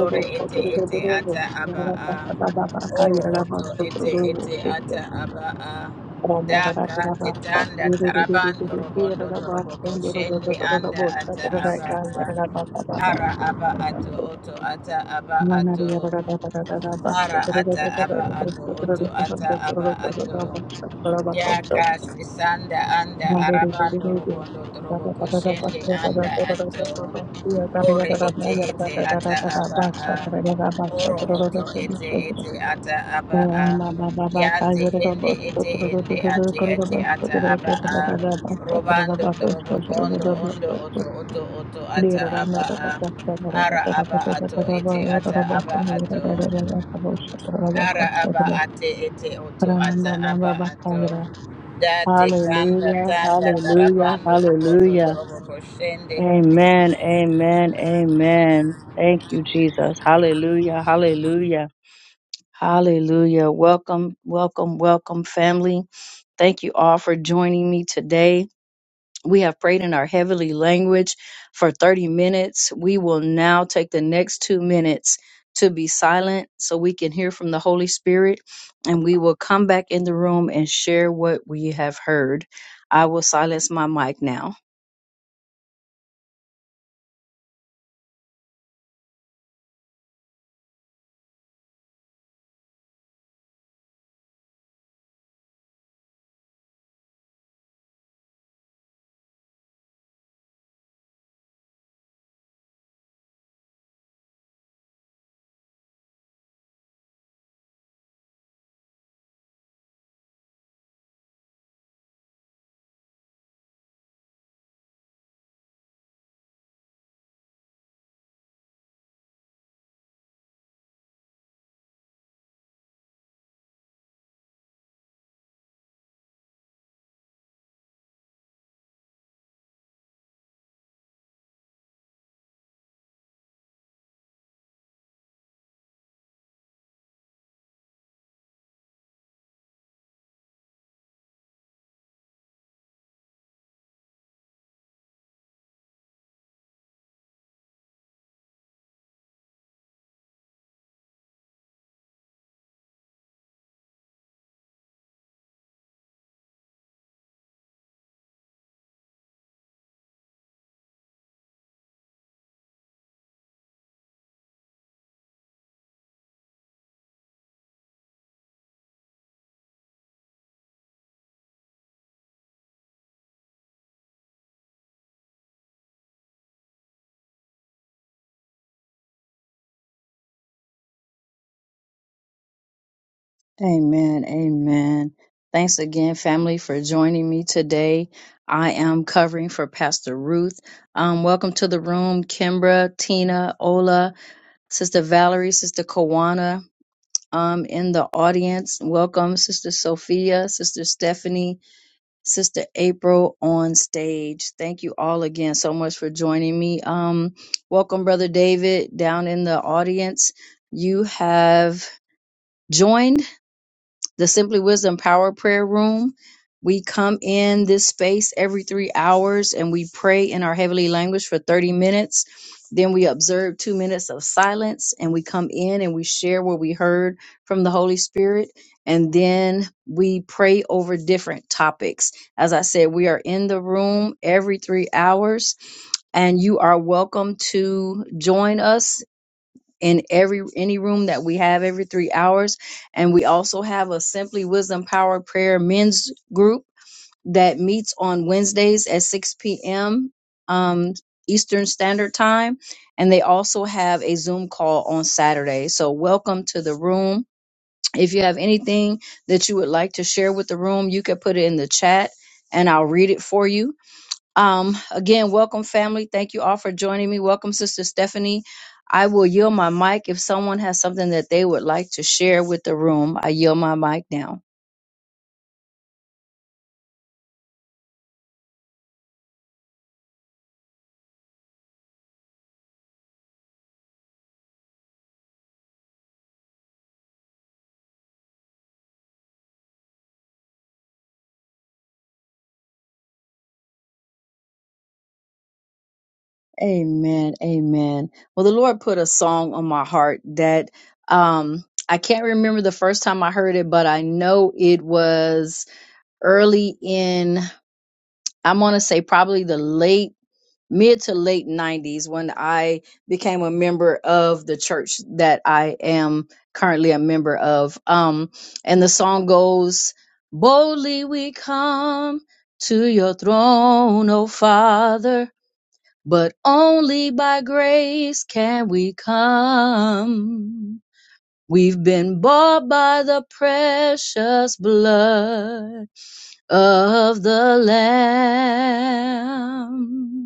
S2: Ore ete ete ata aba a. Oro oto ete
S1: turu
S2: ete ata aba a.
S1: Thank
S2: Daka tetanda tarabando robondo torobo koshende anda ata aba a. Ara aba ato oto ata aba ato. Ara ata aba ato oto ata aba ato. Yaka sisanda anda arabando robondo drobo koshende anda ato. Ore ete ete ata aba a. Oro oto ete
S1: you.
S2: ete ata aba a.
S1: Hallelujah, hallelujah,
S2: Yate ende ete ende ate ete ata aba a. Robando drobo kondo ondo oto oto oto ata aba a. Ara aba ato ete ata aba ato. Ara aba ate ete oto ata aba ato. Date kanda tanda tarabando robondo
S1: hallelujah.
S2: torobo koshende.
S1: Amen, amen, amen. Thank you, Jesus. Hallelujah, hallelujah, hallelujah. Welcome, welcome, welcome, family. Thank you all for joining me today. We have prayed in our heavenly language for 30 minutes. We will now take the next two minutes to be silent so we can hear from the Holy Spirit, and we will come back in the room and share what we have heard. I will silence my mic now. Amen. Amen. Thanks again, family, for joining me today. I am covering for Pastor Ruth. Um, welcome to the room, Kimbra, Tina, Ola. Sister Valerie, Sister Kawana, um, in the audience. Welcome, Sister Sophia, Sister Stephanie, Sister April on stage. Thank you all again so much for joining me. Um, welcome, Brother David, down in the audience. You have joined the Simply Wisdom Power Prayer Room. We come in this space every three hours and we pray in our heavenly language for 30 minutes. Then we observe two minutes of silence and we come in and we share what we heard from the Holy Spirit. And then we pray over different topics. As I said, we are in the room every three hours and you are welcome to join us in every any room that we have every three hours and we also have a simply wisdom power prayer men's group that meets on wednesdays at 6 p.m um, eastern standard time and they also have a zoom call on saturday so welcome to the room if you have anything that you would like to share with the room you can put it in the chat and i'll read it for you um, again, welcome family. Thank you all for joining me. Welcome, Sister Stephanie. I will yield my mic if someone has something that they would like to share with the room. I yield my mic now. Amen. Amen. Well, the Lord put a song on my heart that um I can't remember the first time I heard it, but I know it was early in I want to say probably the late mid to late 90s when I became a member of the church that I am currently a member of. Um, and the song goes, Boldly we come to your throne, O Father, but only by grace can we come. We've been bought by the precious blood of the Lamb.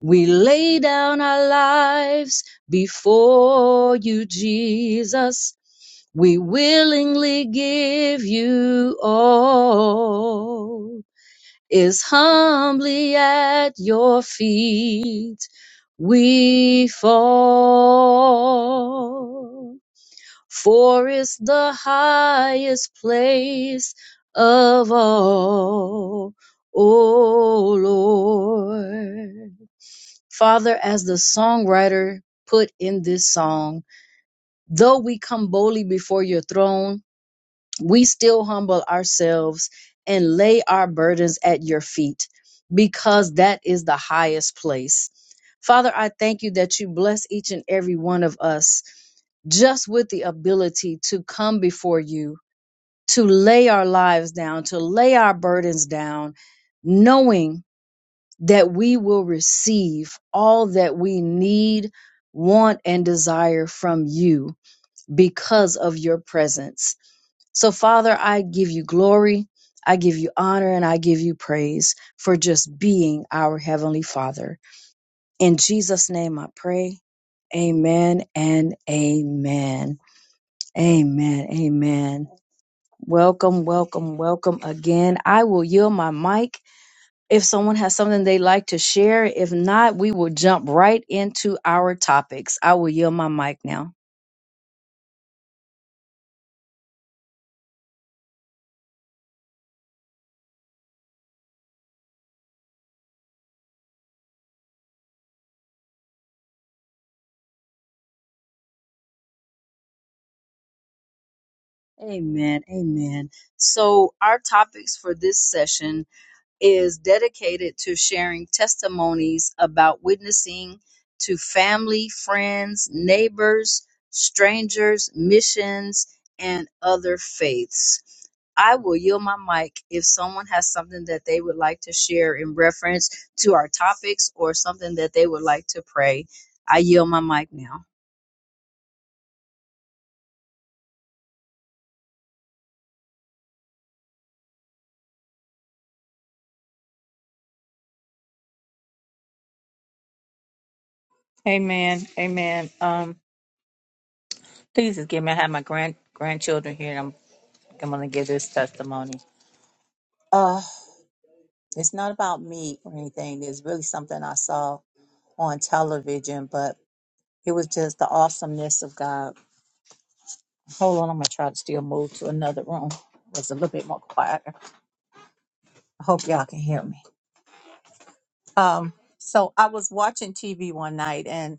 S1: We lay down our lives before you, Jesus. We willingly give you all. Is humbly at your feet we fall. For is the highest place of all, O Lord. Father, as the songwriter put in this song, though we come boldly before your throne, we still humble ourselves and lay our burdens at your feet because that is the highest place. Father, I thank you that you bless each and every one of us just with the ability to come before you, to lay our lives down, to lay our burdens down, knowing that we will receive all that we need, want, and desire from you because of your presence. So, Father, I give you glory, I give you honor, and I give you praise for just being our Heavenly Father. In Jesus' name I pray. Amen and amen. Amen. Amen. Welcome, welcome, welcome again. I will yield my mic if someone has something they like to share. If not, we will jump right into our topics. I will yield my mic now. Amen. Amen. So, our topics for this session is dedicated to sharing testimonies about witnessing to family, friends, neighbors, strangers, missions, and other faiths. I will yield my mic if someone has something that they would like to share in reference to our topics or something that they would like to pray. I yield my mic now.
S3: Amen. Amen. Um, please just give me. I have my grand grandchildren here, and I'm I'm gonna give this testimony. Uh, it's not about me or anything. It's really something I saw on television, but it was just the awesomeness of God. Hold on, I'm gonna try to still move to another room. It's a little bit more quiet. I hope y'all can hear me. Um, so I was watching TV one night, and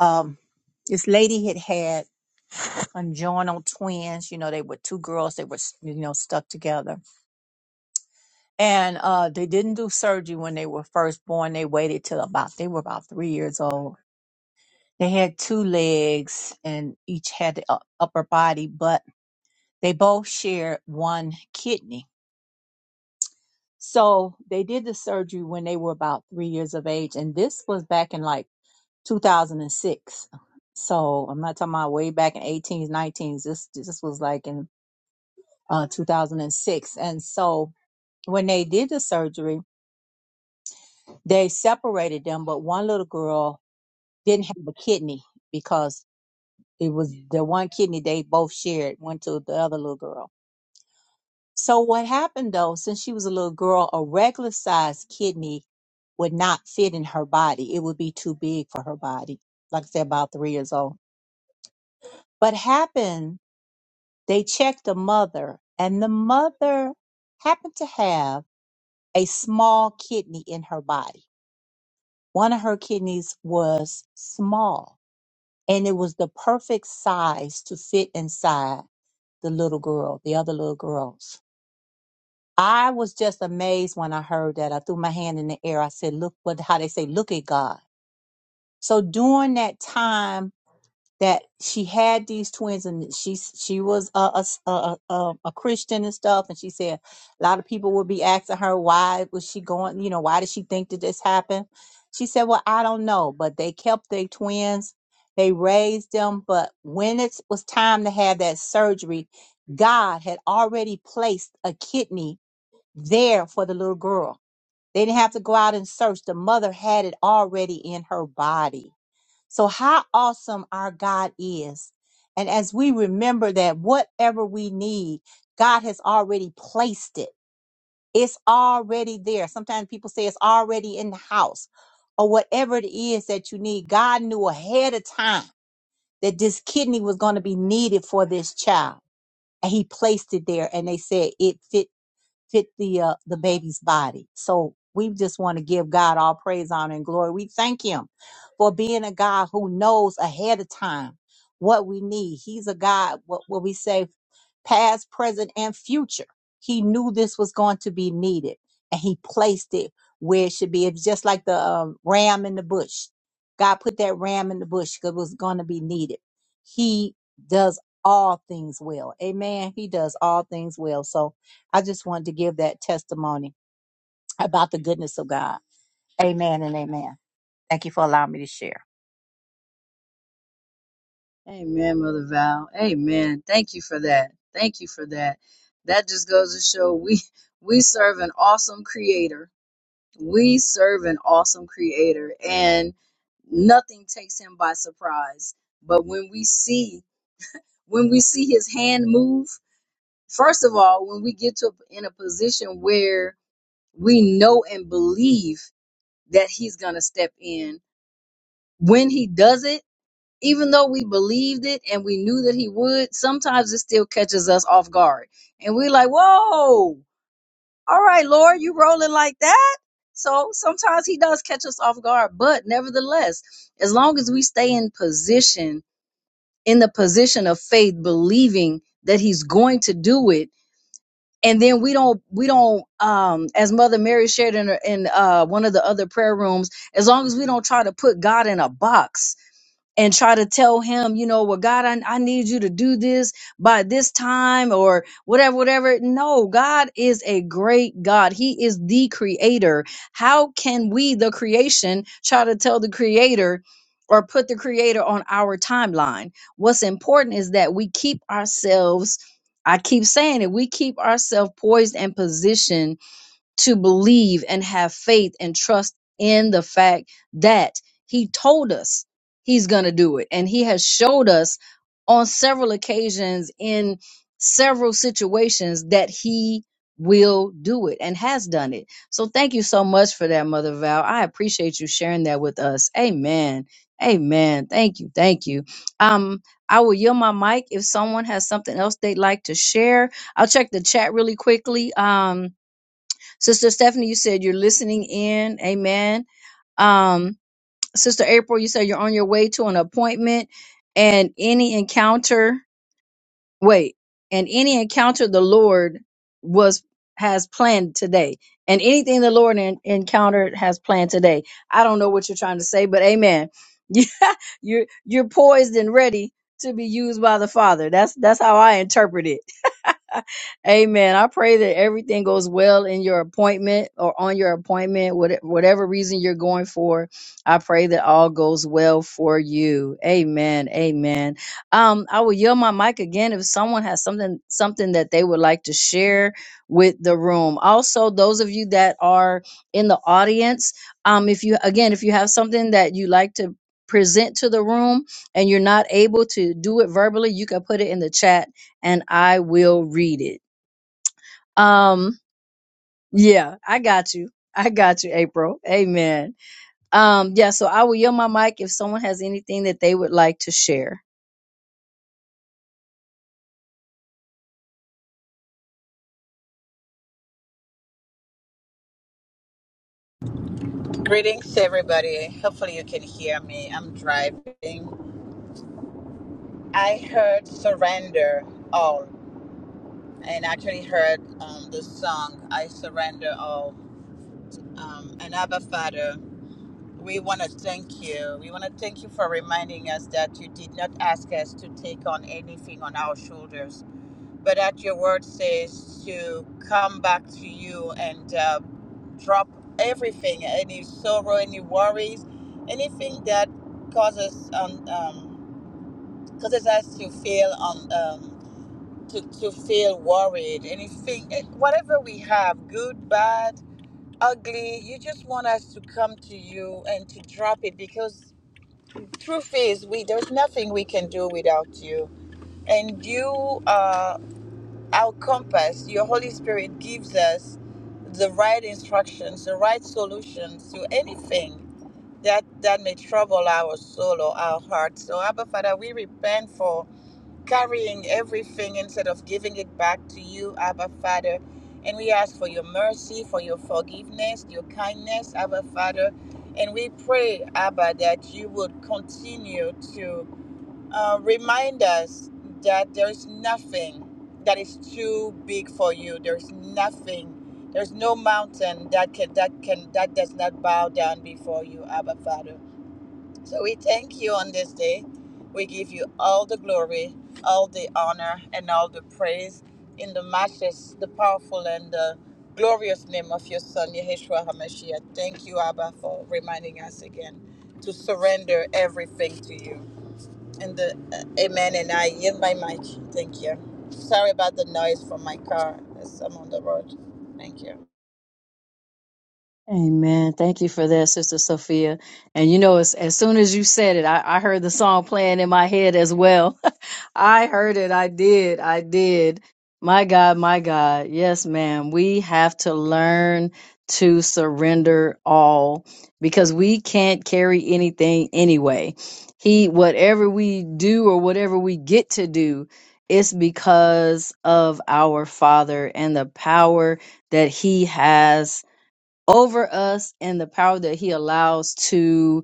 S3: um, this lady had had conjoinal twins. You know, they were two girls. They were you know stuck together And uh, they didn't do surgery when they were first born. They waited till about they were about three years old. They had two legs, and each had the u- upper body, but they both shared one kidney. So they did the surgery when they were about three years of age, and this was back in like 2006. So I'm not talking about way back in 18s, 19s. This this was like in uh, 2006, and six, and so when they did the surgery, they separated them, but one little girl didn't have a kidney because it was the one kidney they both shared went to the other little girl. So what happened though, since she was a little girl, a regular sized kidney would not fit in her body. It would be too big for her body. Like I said, about three years old. What happened, they checked the mother and the mother happened to have a small kidney in her body. One of her kidneys was small and it was the perfect size to fit inside the little girl, the other little girls. I was just amazed when I heard that. I threw my hand in the air. I said, look what, how they say, look at God. So during that time that she had these twins and she she was a a, s- a- a- a- a Christian and stuff and she said a lot of people would be asking her why was she going you know why did she think that this happened she said well I don't know but they kept their twins they raised them but when it was time to have that surgery God had already placed a kidney there for the little girl they didn't have to go out and search the mother had it already in her body so, how awesome our God is. And as we remember that whatever we need, God has already placed it, it's already there. Sometimes people say it's already in the house or whatever it is that you need. God knew ahead of time that this kidney was going to be needed for this child. And he placed it there, and they said it fit fit the uh, the baby's body. So we just want to give God all praise, honor, and glory. We thank Him for being a God who knows ahead of time what we need. He's a God. What what we say, past, present, and future. He knew this was going to be needed, and He placed it where it should be. It's just like the um, ram in the bush. God put that ram in the bush because it was going to be needed. He does all things well. Amen. He does all things well. So I just wanted to give that testimony about the goodness of God. Amen and amen. Thank you for allowing me to share.
S1: Amen, Mother Val. Amen. Thank you for that. Thank you for that. That just goes to show we we serve an awesome creator we serve an awesome creator and nothing takes him by surprise but when we see when we see his hand move first of all when we get to in a position where we know and believe that he's going to step in when he does it even though we believed it and we knew that he would sometimes it still catches us off guard and we're like whoa all right, Lord, you rolling like that? So sometimes he does catch us off guard, but nevertheless, as long as we stay in position, in the position of faith, believing that he's going to do it, and then we don't, we don't, um, as Mother Mary shared in, her- in uh, one of the other prayer rooms, as long as we don't try to put God in a box, and try to tell him, you know, well, God, I, I need you to do this by this time or whatever, whatever. No, God is a great God. He is the creator. How can we, the creation, try to tell the creator or put the creator on our timeline? What's important is that we keep ourselves, I keep saying it, we keep ourselves poised and positioned to believe and have faith and trust in the fact that he told us he's going to do it. And he has showed us on several occasions in several situations that he will do it and has done it. So thank you so much for that, Mother Val. I appreciate you sharing that with us. Amen. Amen. Thank you. Thank you. Um, I will yield my mic if someone has something else they'd like to share. I'll check the chat really quickly. Um, Sister Stephanie, you said you're listening in. Amen. Um, Sister April, you said you're on your way to an appointment and any encounter, wait, and any encounter the Lord was has planned today. And anything the Lord en- encountered has planned today. I don't know what you're trying to say, but amen. You, you're you're poised and ready to be used by the Father. That's that's how I interpret it Amen. I pray that everything goes well in your appointment or on your appointment, what- whatever reason you're going for. I pray that all goes well for you. Amen. Amen. Um, I will yield my mic again if someone has something something that they would like to share with the room. Also, those of you that are in the audience, um, if you again, if you have something that you like to present to the room and you're not able to do it verbally, you can put it in the chat and I will read it. Um, yeah, I got you. I got you, April. Amen. Um, yeah, so I will yield my mic if someone has anything that they would like to share.
S2: Greetings, everybody. Hopefully, you can hear me. I'm driving. I heard surrender all, and actually heard um, the song I surrender all. Um, and Abba Father, we want to thank you. We want to thank you for reminding us that you did not ask us to take on anything on our shoulders but that your word says to come back to you and uh, drop everything, any sorrow, any worries, anything that causes um, um, causes us to feel um, um, to, to feel worried, anything, eh, whatever we have, good, bad, ugly, you just want us to come to you and to drop it because truth is we there's nothing we can do without you and you are. our compass, your Holy Spirit gives us the right instructions, the right solutions to anything that that may trouble our soul or our heart. So Abba Father, we repent for carrying everything instead of giving it back to you, Abba Father. And we ask for your mercy, for your forgiveness, your kindness, Abba Father. And we pray, Abba, that you would continue to uh, remind us that there's nothing that is too big for you. There's nothing. There's no mountain that can that can that does not bow down before you, Abba Father. So we thank you on this day. We give you all the glory, all the honor, and all the praise in the matchless, the powerful, and the glorious name of your Son, Yeshua HaMashiach. Thank you, Abba, for reminding us again to surrender everything to you. And the uh, amen. And I yield my mic. Thank you. Sorry about the noise from my car as I'm on the road. Thank you.
S1: Amen. Thank you for that, Sister Sophia. And you know, as, as soon as you said it, I, I heard the song playing in my head as well. I heard it. I did. I did. My God, my God. Yes, ma'am. We have to learn to surrender all because we can't carry anything anyway. He, whatever we do or whatever we get to do, it's because of our Father and the power that He has over us and the power that he allows to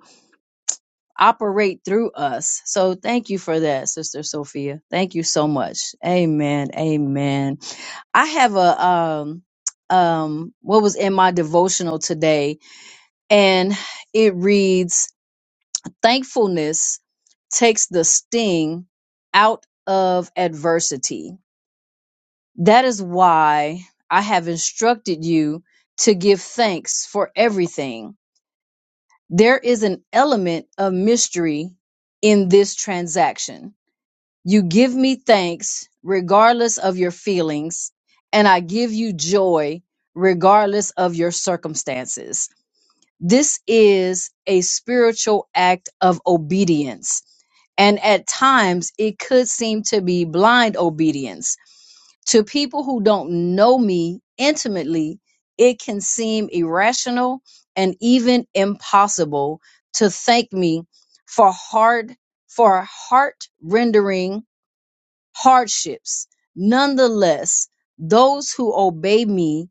S1: operate through us. So thank you for that, Sister Sophia. Thank you so much. Amen. Amen. I have a um um what was in my devotional today and it reads thankfulness takes the sting out of adversity. That is why I have instructed you to give thanks for everything there is an element of mystery in this transaction. You give me thanks regardless of your feelings, and I give you joy regardless of your circumstances. This is a spiritual act of obedience. And at times, it could seem to be blind obedience. To people who don't know me intimately, it can seem irrational and even impossible to thank me for hard for heart rendering hardships. Nonetheless, those who obey me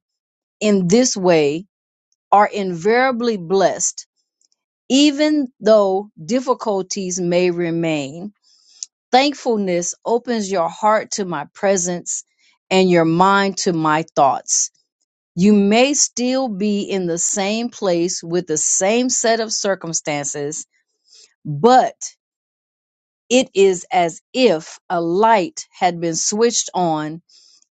S1: in this way are invariably blessed even though difficulties may remain, thankfulness opens your heart to my presence and your mind to my thoughts. You may still be in the same place with the same set of circumstances, but it is as if a light had been switched on,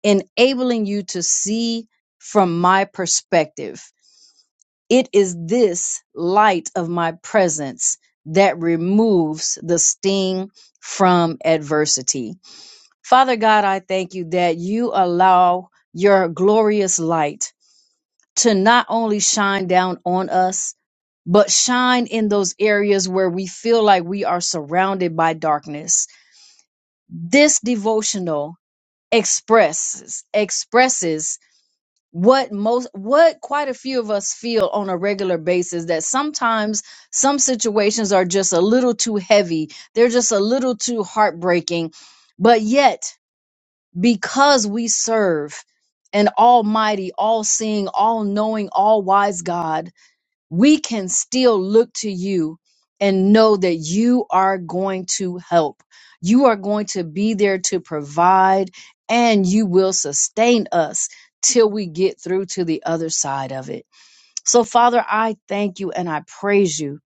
S1: enabling you to see from my perspective. It is this light of my presence that removes the sting from adversity. Father God, I thank you that you allow your glorious light to not only shine down on us, but shine in those areas where we feel like we are surrounded by darkness. This devotional expresses expresses what most what quite a few of us feel on a regular basis that sometimes some situations are just a little too heavy they're just a little too heartbreaking but yet because we serve an almighty all-seeing all-knowing all-wise god we can still look to you and know that you are going to help. You are going to be there to provide and you will sustain us till we get through to the other side of it. So, Father, I thank you and I praise you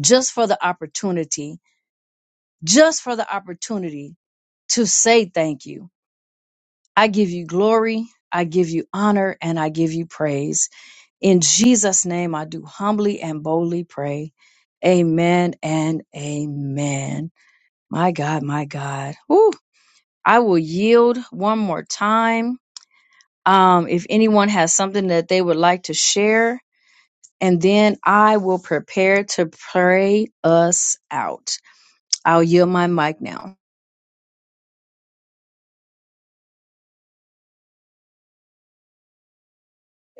S1: just for the opportunity, just for the opportunity to say thank you. I give you glory, I give you honor, and I give you praise. In Jesus' name, I do humbly and boldly pray. Amen and amen. My God, my God. Whew. I will yield one more time. Um, if anyone has something that they would like to share, and then I will prepare to pray us out. I'll yield my mic now.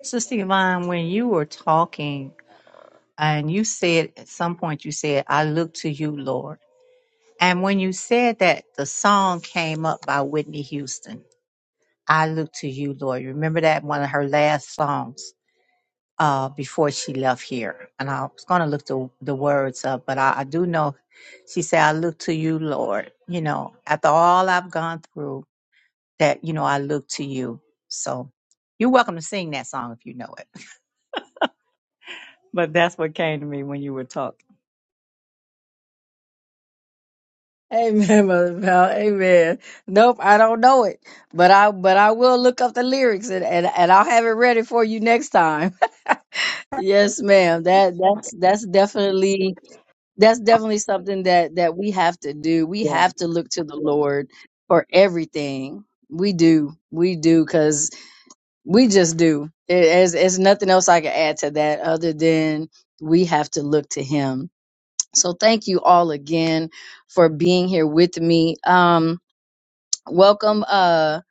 S3: Sister Yvonne, when you were talking and you said at some point, you said, I look to you, Lord. And when you said that, the song came up by Whitney Houston, I look to you, Lord. You Remember that one of her last songs uh, before she left here? And I was going to look the, the words up, but I, I do know she said, I look to you, Lord. You know, after all I've gone through, that you know I look to you. So you're welcome to sing that song if you know it. But that's what came to me when you were talking.
S1: Amen, Mother Val. Amen. Nope, I don't know it, but I but I will look up the lyrics and and, and I'll have it ready for you next time. yes, ma'am. That that's that's definitely that's definitely something that that we have to do. We have to look to the Lord for everything. We do, we do, because we just do. It, it's, it's nothing else I can add to that other than we have to look to Him. So thank you all again for being here with me. Um, welcome uh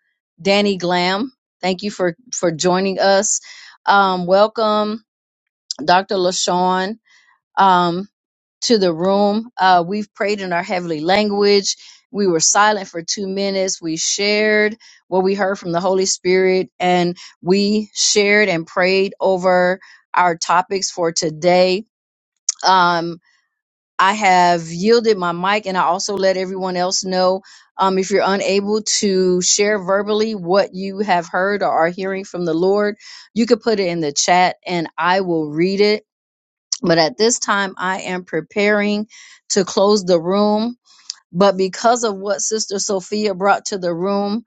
S1: danny glam thank you for for joining us um welcome dr lashawn um to the room uh we've prayed in our heavenly language we were silent for two minutes we shared what we heard from the holy spirit and we shared and prayed over our topics for today um I have yielded my mic and I also let everyone else know um, if you're unable to share verbally what you have heard or are hearing from the Lord, you could put it in the chat and I will read it. But at this time, I am preparing to close the room. But because of what Sister Sophia brought to the room,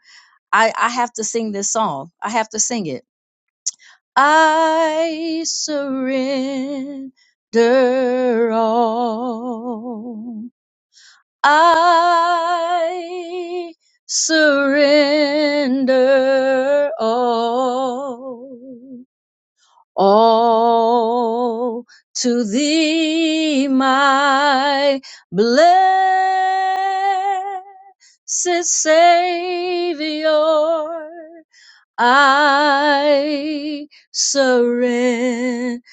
S1: I, I have to sing this song. I have to sing it. I surrender all. I surrender all, all to thee, my blessed Savior. I surrender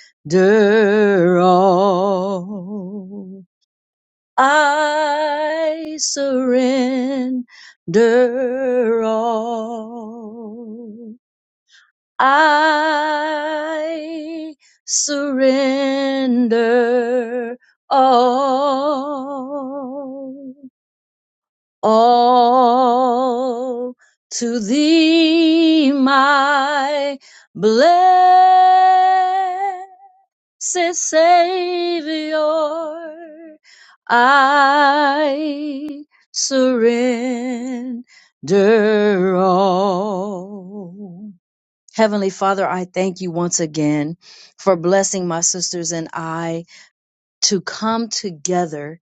S1: all. I surrender all. I surrender all. All to thee, my blessed says Savior, I surrender all. Heavenly Father, I thank you once again for blessing my sisters and I to come together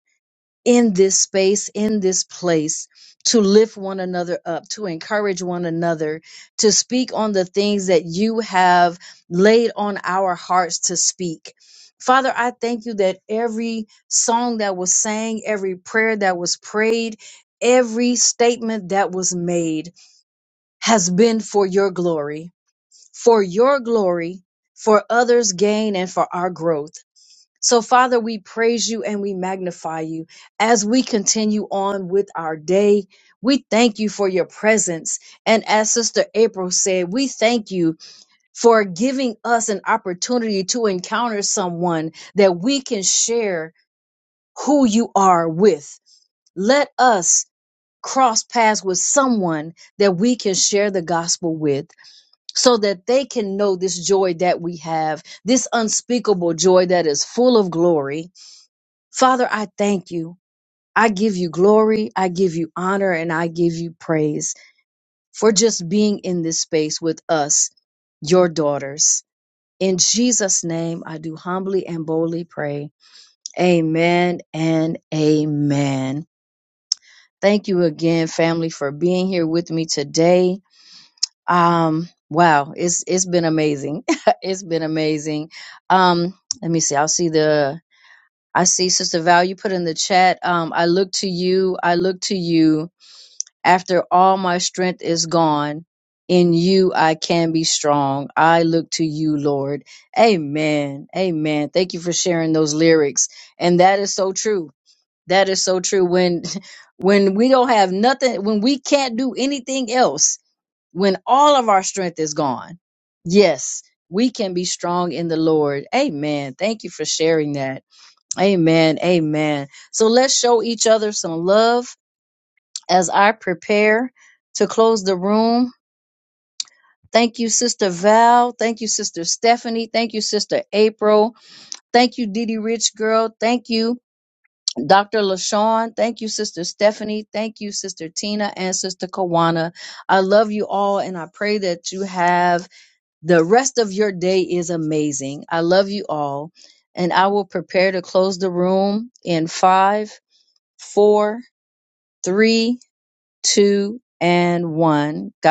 S1: in this space, in this place, to lift one another up, to encourage one another, to speak on the things that you have laid on our hearts to speak. Father, I thank you that every song that was sang, every prayer that was prayed, every statement that was made has been for your glory, for your glory, for others' gain, and for our growth. So, Father, we praise you and we magnify you as we continue on with our day. We thank you for your presence. And as Sister April said, we thank you for giving us an opportunity to encounter someone that we can share who you are with. Let us cross paths with someone that we can share the gospel with so that they can know this joy that we have, this unspeakable joy that is full of glory Father, I thank you. I give you glory, I give you honor, and I give you praise for just being in this space with us, your daughters. In Jesus' name, I do humbly and boldly pray. Amen and amen. Thank you again, family, for being here with me today. Um, wow, it's it's been amazing. it's been amazing. Um, let me see. I'll see the I see Sister Val, you put in the chat. Um, I look to you. I look to you. After all my strength is gone, in you I can be strong. I look to you, Lord. Amen. Amen. Thank you for sharing those lyrics. And that is so true. That is so true. When when we don't have nothing, when we can't do anything else, when all of our strength is gone, yes, we can be strong in the Lord. Amen. Thank you for sharing that. Amen. Amen. So let's show each other some love as I prepare to close the room. Thank you, Sister Val. Thank you, Sister Stephanie. Thank you, Sister April. Thank you, Didi Rich Girl. Thank you, Dr. LaShawn. Thank you, Sister Stephanie. Thank you, Sister Tina and Sister Kawana. I love you all and I pray that you have the rest of your day is amazing. I love you all. And I will prepare to close the room in five, four Three, two, and one. God